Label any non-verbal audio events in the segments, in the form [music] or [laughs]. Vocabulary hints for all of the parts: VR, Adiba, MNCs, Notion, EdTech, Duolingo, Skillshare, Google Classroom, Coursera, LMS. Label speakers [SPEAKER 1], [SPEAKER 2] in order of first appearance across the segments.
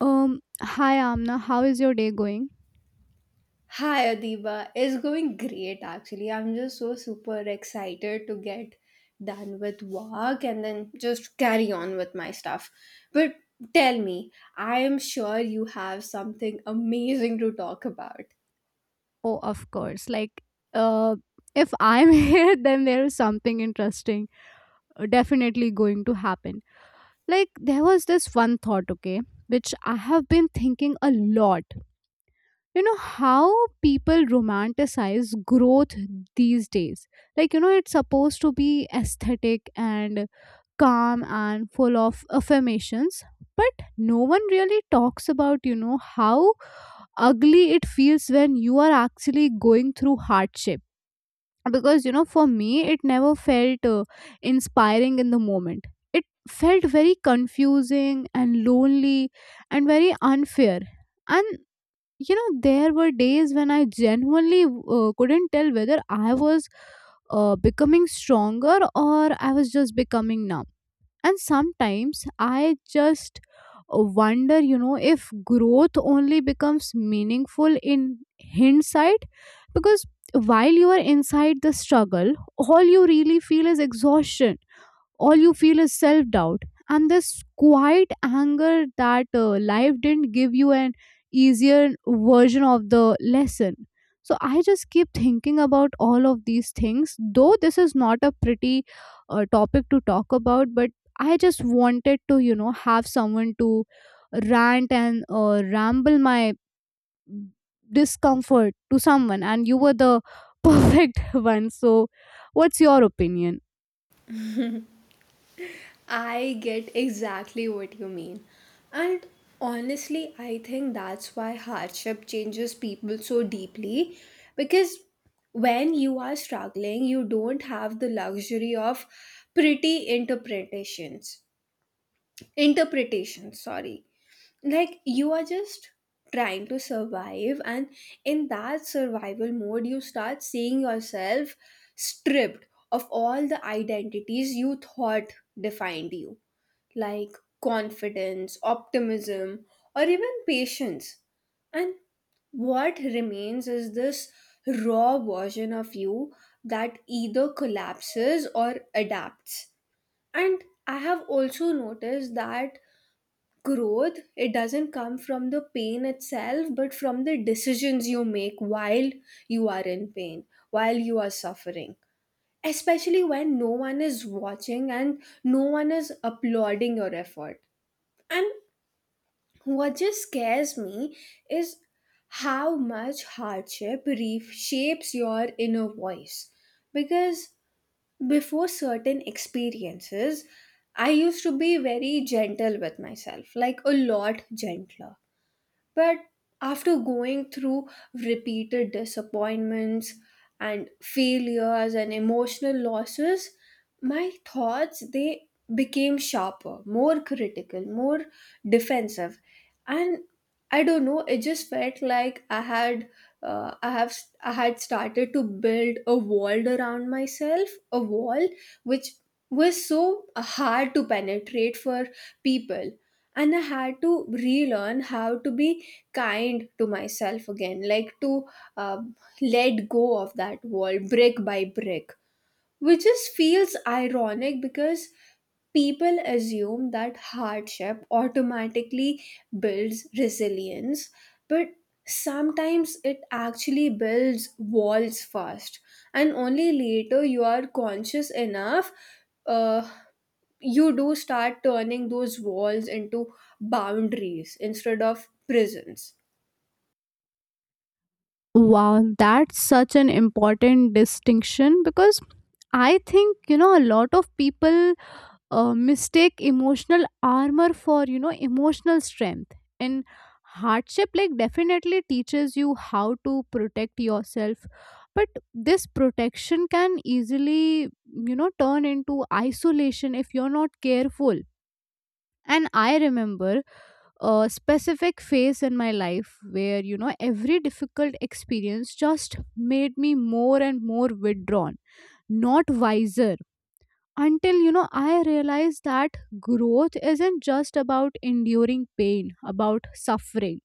[SPEAKER 1] Hi Amna, how is your day going?
[SPEAKER 2] Hi Adiba, it's going great actually. I'm just so super excited to get done with work and then just carry on with my stuff. But tell me, I am sure you have something amazing to talk about.
[SPEAKER 1] Oh, of course. Uh, if I'm [laughs] here, then there is something interesting definitely going to happen. Like, there was this one thought, okay, which I have been thinking a lot. You know, how people romanticize growth these days. Like, you know, it's supposed to be aesthetic and calm and full of affirmations, but no one really talks about, you know, how ugly it feels when you are actually going through hardship because you know for me it never felt inspiring in the moment. It felt very confusing and lonely and very unfair. And you know there were days when I genuinely couldn't tell whether I was becoming stronger or I was just becoming numb. And sometimes I just wonder, you know, if growth only becomes meaningful in hindsight, because while you are inside the struggle, all you really feel is exhaustion, all you feel is self doubt and this quiet anger that life didn't give you an easier version of the lesson. So I just keep thinking about all of these things, though this is not a pretty topic to talk about, but I just wanted to, you know, have someone to rant and ramble my discomfort to someone, and you were the [laughs] perfect one. So, what's your opinion?
[SPEAKER 2] I get exactly what you mean. And honestly, I think that's why hardship changes people so deeply because when you are struggling, you don't have the luxury of pretty interpretations. Interpretations, sorry. Like you are just trying to survive, and in that survival mode, you start seeing yourself stripped of all the identities you thought defined you like confidence, optimism, or even patience. And what remains is this raw version of you that either collapses or adapts. And I have also noticed that growth it doesn't come from the pain itself but from the decisions you make while you are in pain, while you are suffering, especially when no one is watching and no one is applauding your effort. And what just scares me is how much hardship reshapes your inner voice. Because before certain experiences, I used to be very gentle with myself, like a lot gentler. But after going through repeated disappointments and failures and emotional losses, my thoughts they became sharper, more critical, more defensive, and I don't know. It just felt like uh, I have, I had started to build a wall around myself, a wall which was so hard to penetrate for people, and I had to relearn how to be kind to myself again, like to uh, let go of that wall brick by brick, which just feels ironic because people assume that hardship automatically builds resilience, but sometimes it actually builds walls first, and only later you are conscious enough. Uh, you do start turning those walls into boundaries instead of prisons.
[SPEAKER 1] Wow, that's such an important distinction because I think you know a lot of people mistake emotional armor for you know emotional strength. And hardship like definitely teaches you how to protect yourself, but this protection can easily you know turn into isolation if you're not careful. And I remember a specific phase in my life where you know every difficult experience just made me more and more withdrawn, not wiser, until you know I realized that growth isn't just about enduring pain, about suffering.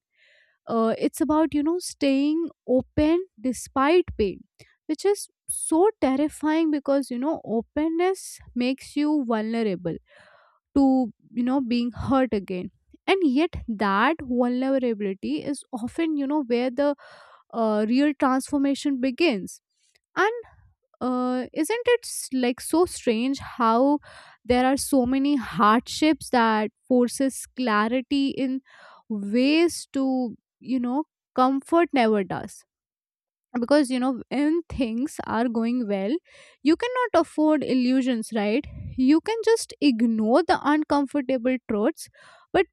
[SPEAKER 1] It's about you know staying open despite pain, which is so terrifying because you know openness makes you vulnerable to you know being hurt again. And yet that vulnerability is often you know where the real transformation begins. And isn't like so strange how there are so many hardships that forces clarity in ways to you know comfort never does? Because you know when things are going well, you cannot afford illusions, right? You can just ignore the uncomfortable truths. But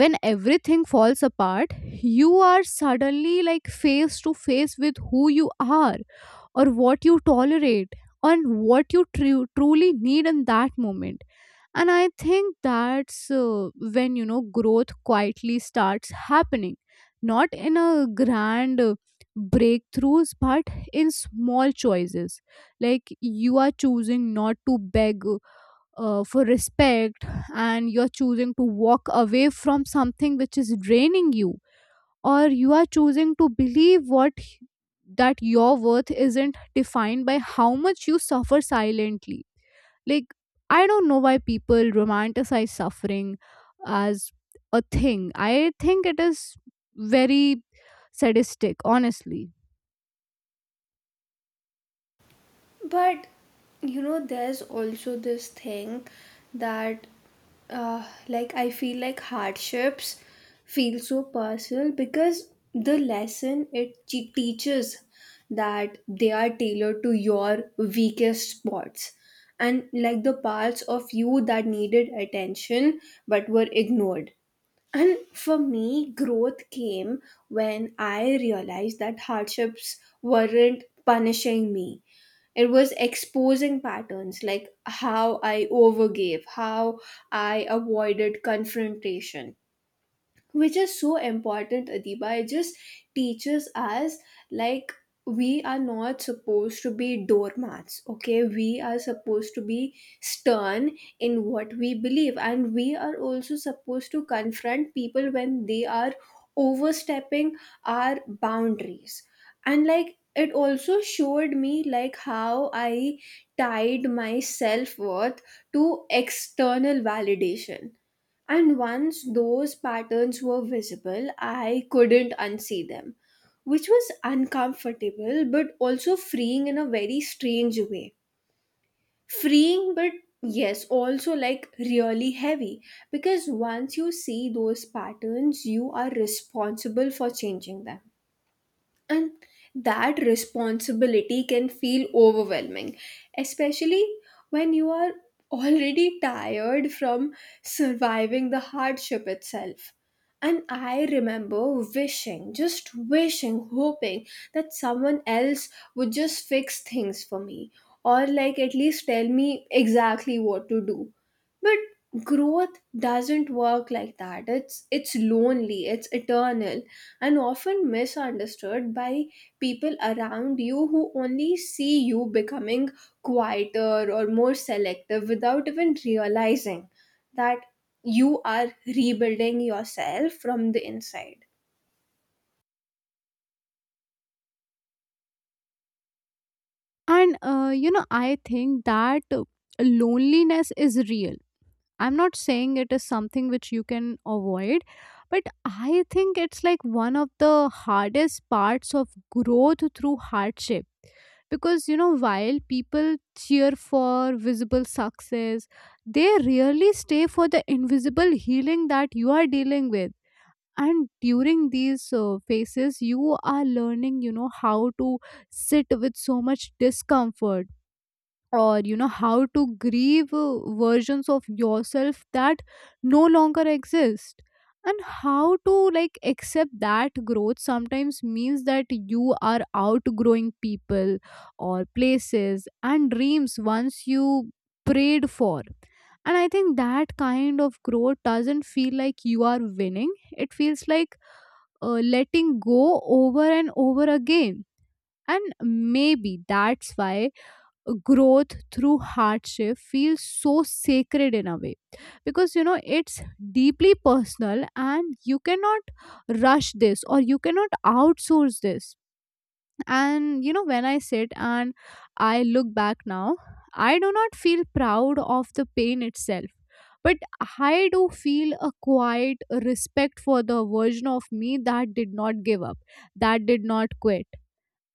[SPEAKER 1] when everything falls apart, you are suddenly like face to face with who you are or what you tolerate and what you truly need in that moment. And I think that's when you know growth quietly starts happening, not in a grand breakthroughs but in small choices. Like you are choosing not to beg for respect, and you're choosing to walk away from something which is draining you, or you are choosing to believe what, that your worth isn't defined by how much you suffer silently. Like, I don't know why people romanticize suffering as a thing. I think it is very sadistic, honestly.
[SPEAKER 2] But you know, there's also this thing that, like, I feel like hardships feel so personal because the lesson it teaches that they are tailored to your weakest spots and like the parts of you that needed attention but were ignored. And for me, growth came when I realized that hardships weren't punishing me, it was exposing patterns like how I overgave, how I avoided confrontation, which is so important, Adiba. It just teaches us like we are not supposed to be doormats, okay, we are supposed to be stern in what we believe, and we are also supposed to confront people when they are overstepping our boundaries. And like it also showed me like how I tied my self-worth to external validation, and once those patterns were visible, I couldn't unsee them, which was uncomfortable but also freeing in a very strange way. Freeing, but yes, also like really heavy because once you see those patterns, you are responsible for changing them and that responsibility can feel overwhelming, especially when you are already tired from surviving the hardship itself. And I remember wishing, just wishing, hoping that someone else would just fix things for me or, like, at least tell me exactly what to do. But growth doesn't work like that. It's lonely, it's eternal and often misunderstood by people around you who only see you becoming quieter or more selective without even realizing that you are rebuilding yourself from the inside.
[SPEAKER 1] And, you know, I think that loneliness is real. I'm not saying it is something which you can avoid, but I think it's like one of the hardest parts of growth through hardship. Because, you know, while people cheer for visible success, they really stay for the invisible healing that you are dealing with. And during these phases, you are learning, you know, how to sit with so much discomfort, or you know how to grieve versions of yourself that no longer exist, and how to like accept that growth sometimes means that you are outgrowing people or places and dreams once you prayed for. And I think that kind of growth doesn't feel like you are winning, it feels like letting go over and over again. And maybe that's why growth through hardship feels so sacred in a way, because you know it's deeply personal and you cannot rush this or you cannot outsource this. And you know when I sit and I look back now, I do not feel proud of the pain itself, but I do feel a quiet respect for the version of me that did not give up, that did not quit,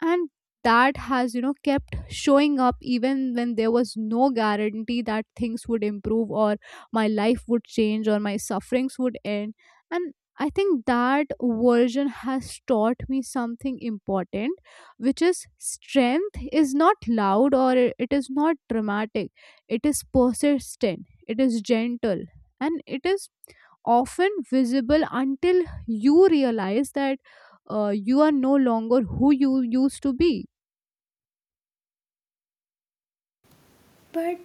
[SPEAKER 1] and that has you know kept showing up even when there was no guarantee that things would improve or my life would change or my sufferings would end. And I think that version has taught me something important, which is strength is not loud it is not dramatic, it is persistent, it is gentle, and it is often visible until you realize that you are no longer who you used to be.
[SPEAKER 2] But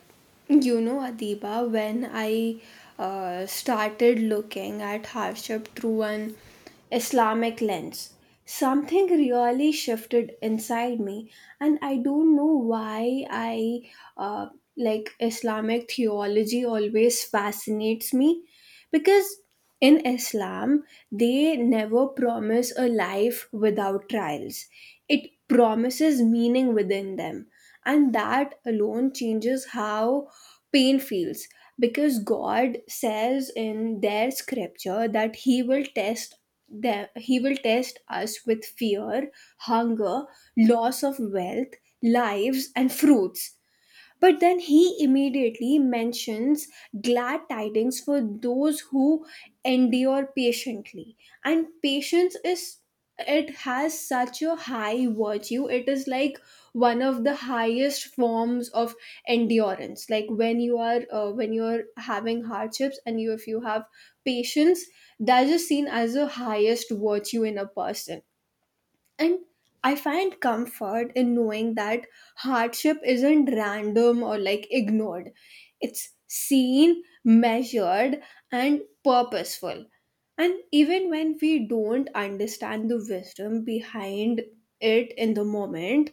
[SPEAKER 2] you know, Adiba, when I started looking at hardship through an Islamic lens, something really shifted inside me, and I don't know why I uh, like Islamic theology always fascinates me because in Islam, they never promise a life without trials. It promises meaning within them. And that alone changes how pain feels. Because God says in their scripture that He will test them, He will test us with fear, hunger, loss of wealth, lives, and fruits, but then He immediately mentions glad tidings for those who endure patiently. And patience is, it has such a high virtue. It is like one of the highest forms of endurance. Like when you are, when you're having hardships and you, if you have patience, that is seen as the highest virtue in a person. And I find comfort in knowing that hardship isn't random or like ignored. It's seen, measured, and purposeful. And even when we don't understand the wisdom behind it in the moment,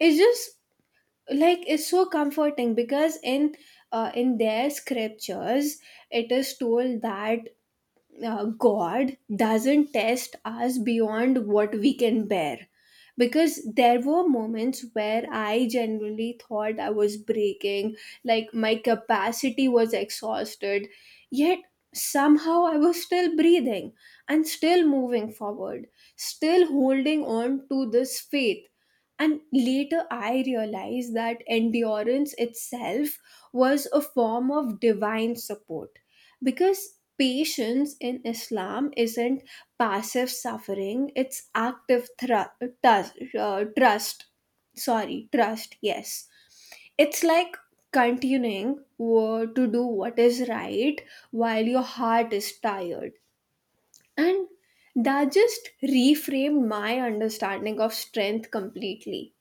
[SPEAKER 2] it's just like it's so comforting because in their scriptures it is told that God doesn't test us beyond what we can bear. Because there were moments where I genuinely thought I was breaking, like my capacity was exhausted, yet somehow I was still breathing and still moving forward, still holding on to this faith. And later I realized that endurance itself was a form of divine support because patience in Islam isn't passive suffering, it's active trust. Sorry, trust, yes. It's like continuing to do what is right while your heart is tired. And that just reframed my understanding of strength completely.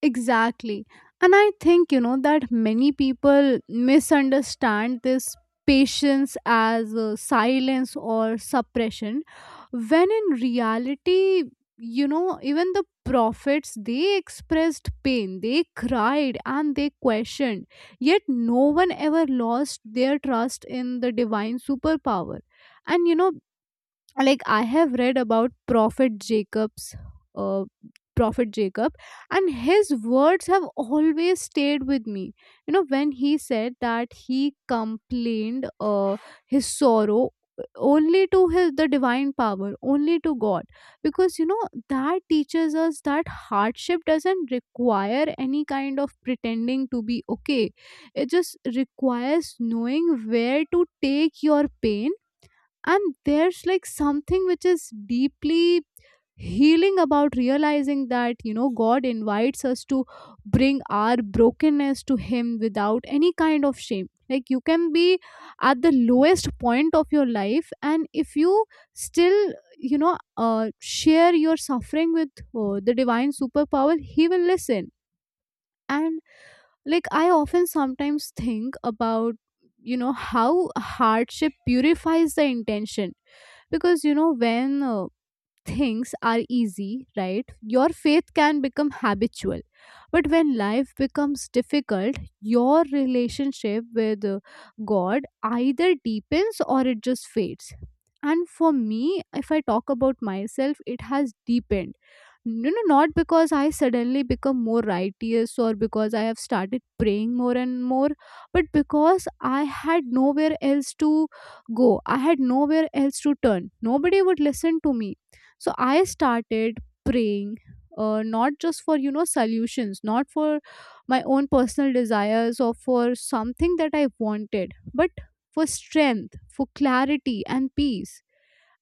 [SPEAKER 1] Exactly. And I think, you know, that many people misunderstand this patience as silence or suppression, when in reality, you know, even the prophets, they expressed pain, they cried and they questioned, yet no one ever lost their trust in the divine superpower. And, you know, like I have read about prophet jacob's uh, prophet Jacob, and his words have always stayed with me. You know when he said that he complained his sorrow only to his the divine power, only to God, because you know that teaches us that hardship doesn't require any kind of pretending to be okay, it just requires knowing where to take your pain. And there's like something which is deeply healing about realizing that you know God invites us to bring our brokenness to him without any kind of shame. Like you can be at the lowest point of your life and if you still you know share your suffering with the divine superpower, he will listen. And like I often sometimes think about you know how hardship purifies the intention. Because you know when things are easy, right, your faith can become habitual, but when life becomes difficult your relationship with God either deepens or it just fades. And for me, if I talk about myself, it has deepened. You know, not because I suddenly become more righteous or because I have started praying more and more, but because I had nowhere else to go, I had nowhere else to turn, nobody would listen to me. So I started praying not just for you know solutions, not for my own personal desires or for something that I wanted, but for strength, for clarity and peace.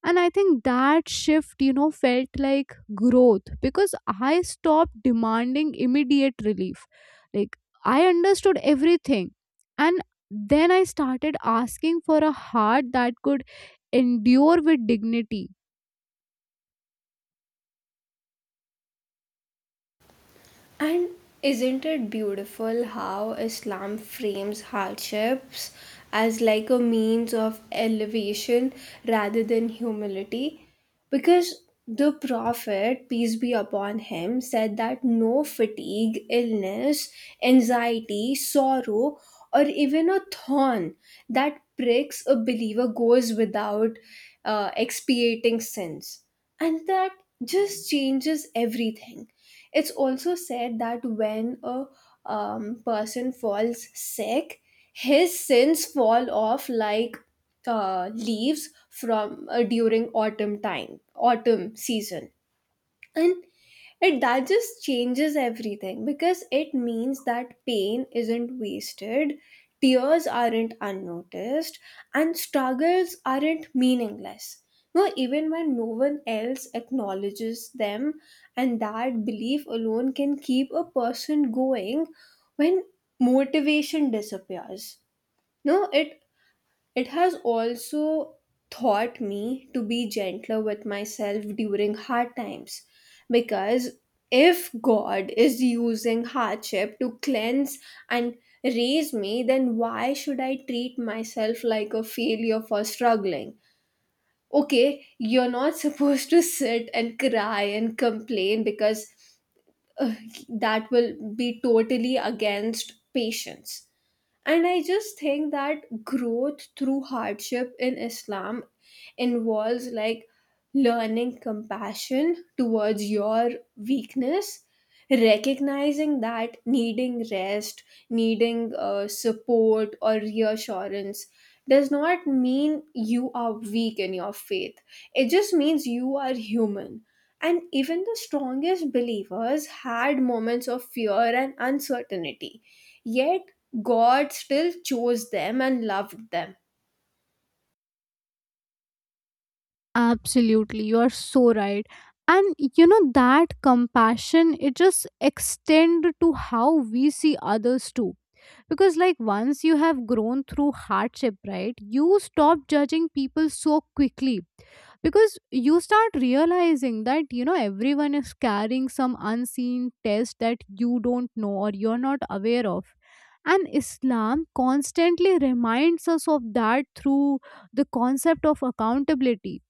[SPEAKER 1] And I think that shift you know felt like growth because I stopped demanding immediate relief. Like I understood everything, and then I started asking for a heart that could endure with dignity.
[SPEAKER 2] And isn't it beautiful how Islam frames hardships as like a means of elevation rather than humility? Because the Prophet, peace be upon him, said that no fatigue, illness, anxiety, sorrow, or even a thorn that pricks a believer goes without expiating sins. And that just changes everything. It's also said that when a person falls sick, his sins fall off like leaves from, during autumn time, autumn season. And it that just changes everything because it means that pain isn't wasted, tears aren't unnoticed, and struggles aren't meaningless. No, even when no one else acknowledges them, and that belief alone can keep a person going when motivation disappears. No, it has also taught me to be gentler with myself during hard times because if God is using hardship to cleanse and raise me, then why should I treat myself like a failure for struggling? Okay, you're not [laughs] supposed to sit and cry and complain because uh, that will be totally against patience. And I just think that growth through hardship in Islam involves like learning compassion towards your weakness, recognizing that needing rest, needing support or reassurance does not mean you are weak in your faith. It just means you are human. And even the strongest believers had moments of fear and uncertainty. Yet God still chose them and loved them.
[SPEAKER 1] Absolutely, you are so right. And you know that compassion it just extend to how we see others too, because like once you have grown through hardship, right, you stop judging people so quickly, because you start realizing that you know everyone is carrying some unseen test that you don't know or you're not aware of. And Islam constantly reminds us of that through the concept of accountability.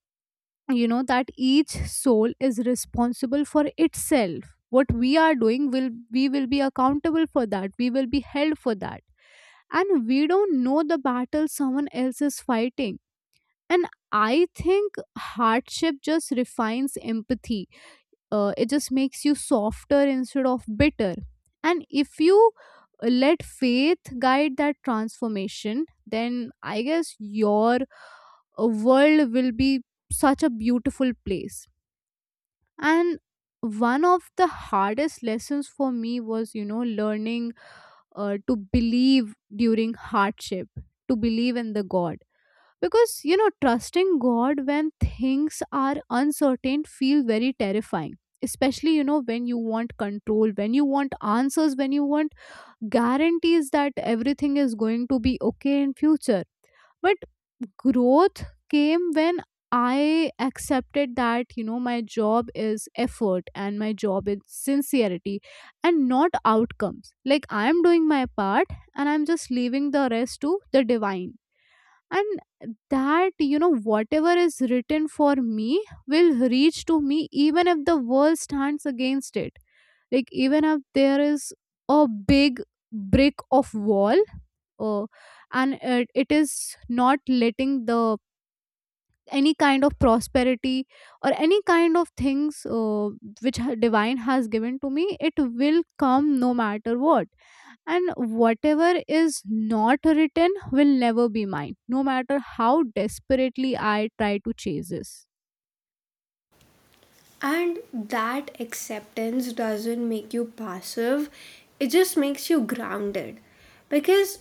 [SPEAKER 1] You know that each soul is responsible for itself, what we are doing will, we will be accountable for that, we will be held for that. And we don't know the battle someone else is fighting. And I think hardship just refines empathy. It just makes you softer instead of bitter. And if you let faith guide that transformation, then I guess your world will be such a beautiful place. And one of the hardest lessons for me was you know learning to believe during hardship, to believe in the God. Because you know trusting God when things are uncertain feel very terrifying, especially you know when you want control, when you want answers, when you want guarantees that everything is going to be okay in future. But growth came when I accepted that, you know, my job is effort and my job is sincerity and not outcomes. Like, I'm doing my part and I'm just leaving the rest to the divine. And that, you know, whatever is written for me will reach to me even if the world stands against it. Like, even if there is a big brick of wall uh, and it is not letting the any kind of prosperity or any kind of things which divine has given to me, it will come no matter what. And whatever is not written will never be mine, no matter how desperately I try to chase this.
[SPEAKER 2] And that acceptance doesn't make you passive, it just makes you grounded. Because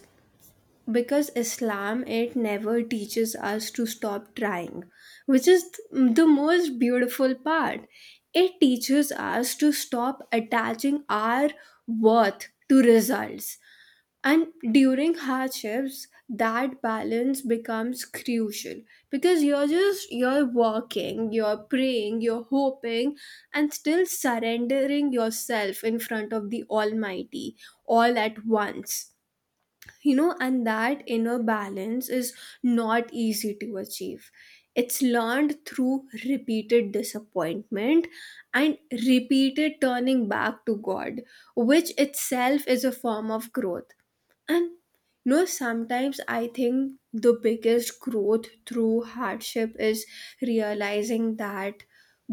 [SPEAKER 2] because Islam it never teaches us to stop trying, which is the most beautiful part. It teaches us to stop attaching our worth to results. And during hardships, that balance becomes crucial because you're just you're working, you're praying, you're hoping, and still surrendering yourself in front of the Almighty all at once. You know, and that inner balance is not easy to achieve, it's learned through repeated disappointment and repeated turning back to God, which itself is a form of growth. And you know sometimes I think the biggest growth through hardship is realizing that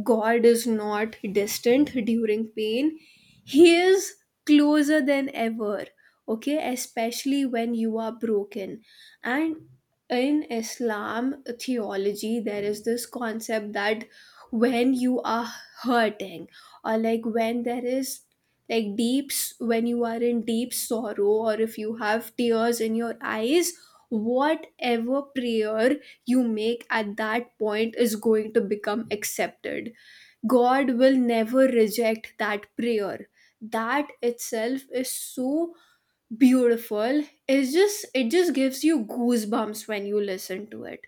[SPEAKER 2] God is not distant during pain, He is closer than ever, okay, especially when you are broken. And in Islam theology there is this concept that when you are hurting, or like when there is like deeps when you are in deep sorrow, or if you have tears in your eyes, whatever prayer you make at that point is going to become accepted. God will never reject that prayer. That itself is so beautiful. It's just it just gives you goosebumps when you listen to it,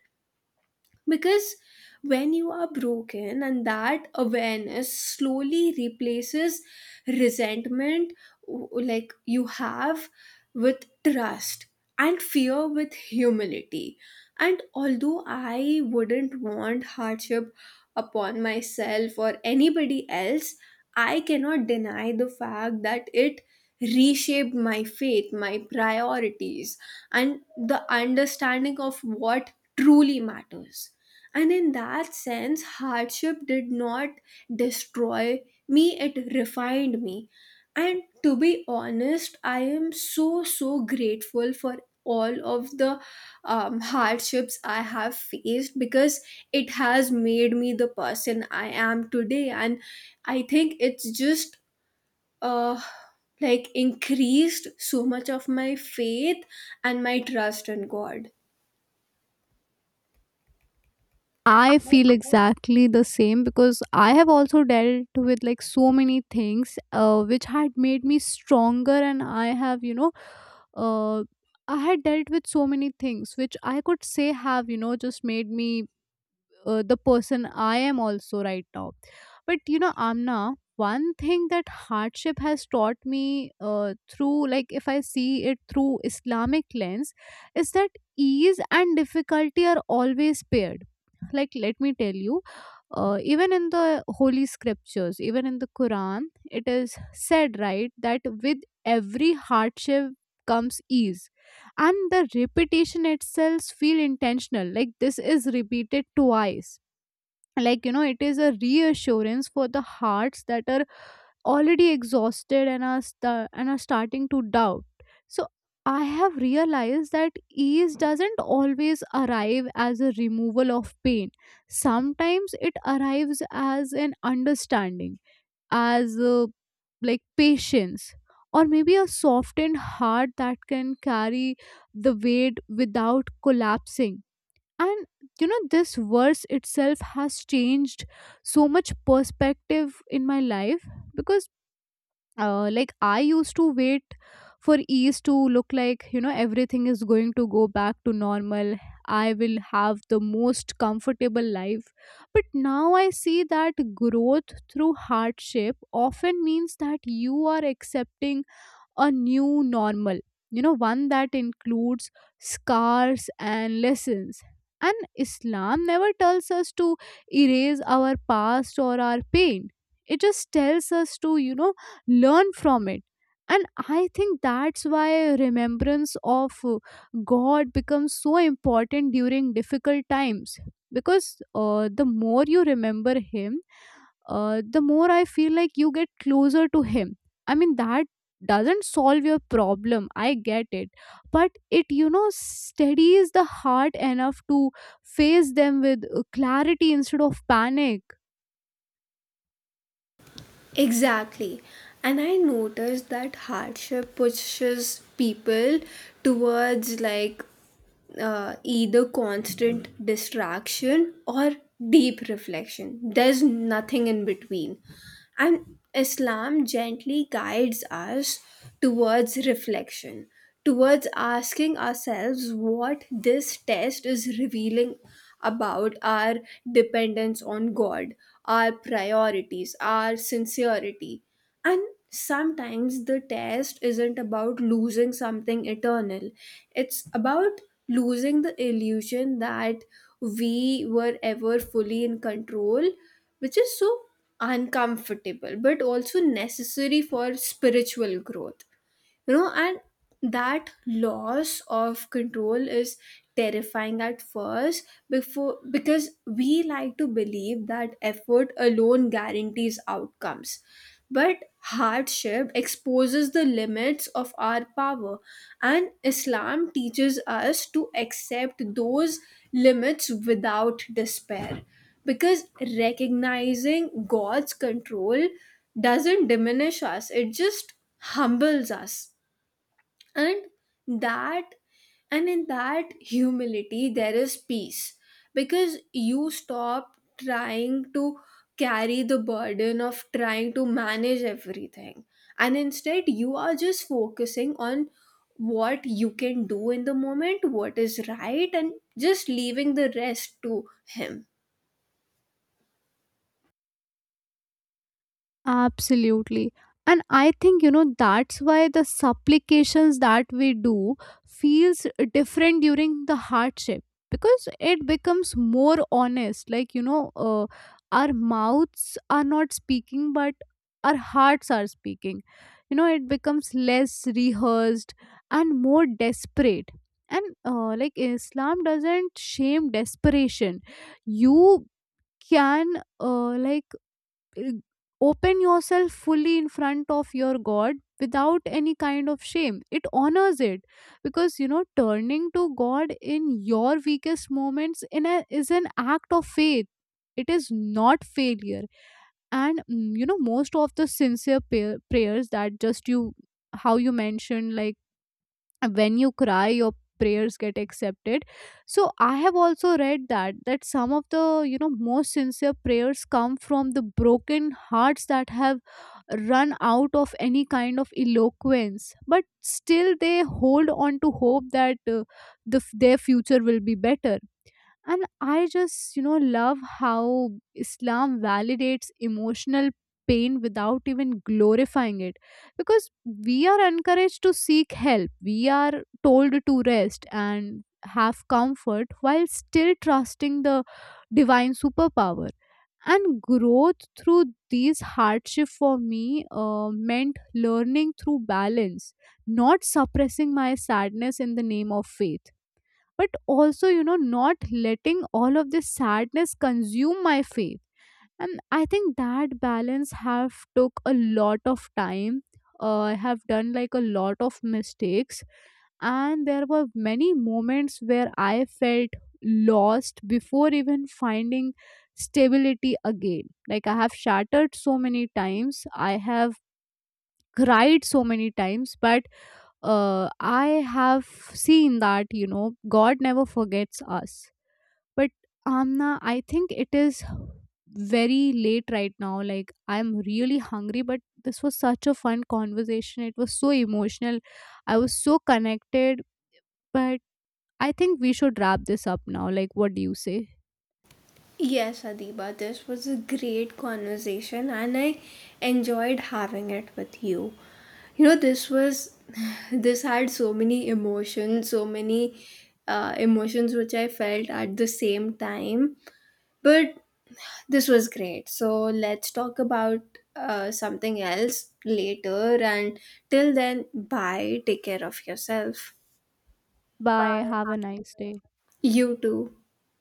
[SPEAKER 2] because when you are broken and that awareness slowly replaces resentment, like you have, with trust, and fear with humility. And although I wouldn't want hardship upon myself or anybody else, I cannot deny the fact that it reshaped my faith, my priorities, and the understanding of what truly matters. And in that sense, hardship did not destroy me, it refined me. And to be honest, I am so, so grateful for all of the hardships I have faced because it has made me the person I am today. And I think it's just. Uh, like, increased so much of my faith and my trust in God.
[SPEAKER 1] I feel exactly the same because I have also dealt with like so many things which had made me stronger, and I have, you know, uh, I had dealt with so many things which I could say have, you know, just made me the person I am also right now. But you know, Amna, one thing that hardship has taught me through, like, if I see it through Islamic lens, is that ease and difficulty are always paired. Like, let me tell you, even in the holy scriptures, even in the Quran, it is said, right, that with every hardship comes ease, and the repetition itself feel intentional. Like, this is repeated twice, like, you know, it is a reassurance for the hearts that are already exhausted and are starting to doubt. So I have realized that ease doesn't always arrive as a removal of pain. Sometimes it arrives as an understanding, as a, like, patience, or maybe a softened heart that can carry the weight without collapsing. And you know, this verse itself has changed so much perspective in my life, because like, I used to wait for ease to look like, you know, everything is going to go back to normal, I will have the most comfortable life. But now I see that growth through hardship often means that you are accepting a new normal, you know, one that includes scars and lessons. And Islam never tells us to erase our past or our pain, it just tells us to, you know, learn from it. And I think that's why remembrance of God becomes so important during difficult times, because the more you remember him, the more I feel like you get closer to him. I mean, that doesn't solve your problem, I get it, but it, you know, steadies the heart enough to face them with clarity instead of panic.
[SPEAKER 2] Exactly. And I noticed that hardship pushes people towards like either constant distraction or deep reflection. There's nothing in between. And Islam gently guides us towards reflection, towards asking ourselves what this test is revealing about our dependence on God, our priorities, our sincerity. And sometimes the test isn't about losing something eternal, it's about losing the illusion that we were ever fully in control, which is so uncomfortable but also necessary for spiritual growth. You know, and that loss of control is terrifying at first before, because we like to believe that effort alone guarantees outcomes, but hardship exposes the limits of our power, and Islam teaches us to accept those limits without despair. Because recognizing God's control doesn't diminish us, it just humbles us. And that and in that humility there is peace, because you stop trying to carry the burden of trying to manage everything, and instead you are just focusing on what you can do in the moment, what is right, and just leaving the rest to Him.
[SPEAKER 1] Absolutely. And I think, you know, that's why the supplications that we do feels different during the hardship, because it becomes more honest. Like, you know, our mouths are not speaking, but our hearts are speaking. You know, it becomes less rehearsed and more desperate. And like, Islam doesn't shame desperation. You can uh, like uh, open yourself fully in front of your God without any kind of shame. It honors it, because you know, turning to God in your weakest moments in is an act of faith, it is not failure. And you know, most of the sincere prayers that just you, how you mentioned, like, when you cry your prayers get accepted. So I have also read that, that some of the, you know, most sincere prayers come from the broken hearts that have run out of any kind of eloquence, but still they hold on to hope that their future will be better. And I just, you know, love how Islam validates emotional pain without even glorifying it, because we are encouraged to seek help, we are told to rest and have comfort while still trusting the divine superpower. And growth through these hardship for me meant learning through balance, not suppressing my sadness in the name of faith, but also, you know, not letting all of this sadness consume my faith. And I think that balance have took a lot of time. I have done like a lot of mistakes, and there were many moments where I felt lost before even finding stability again. Like, I have shattered so many times, I have cried so many times, but I have seen that, you know, God never forgets us. But Amna, I think it is very late right now, like I'm really hungry, but this was such a fun conversation, it was so emotional, I was so connected, but I think we should wrap this up now. Like, what do you say?
[SPEAKER 2] Yes, Adiba, this was a great conversation and I enjoyed having it with you. You know, this was, [laughs] [sighs] this had so many emotions which I felt at the same time. But this was great. So let's talk about something else later. And till then, bye. Take care of yourself.
[SPEAKER 1] Bye, have a nice day.
[SPEAKER 2] You too.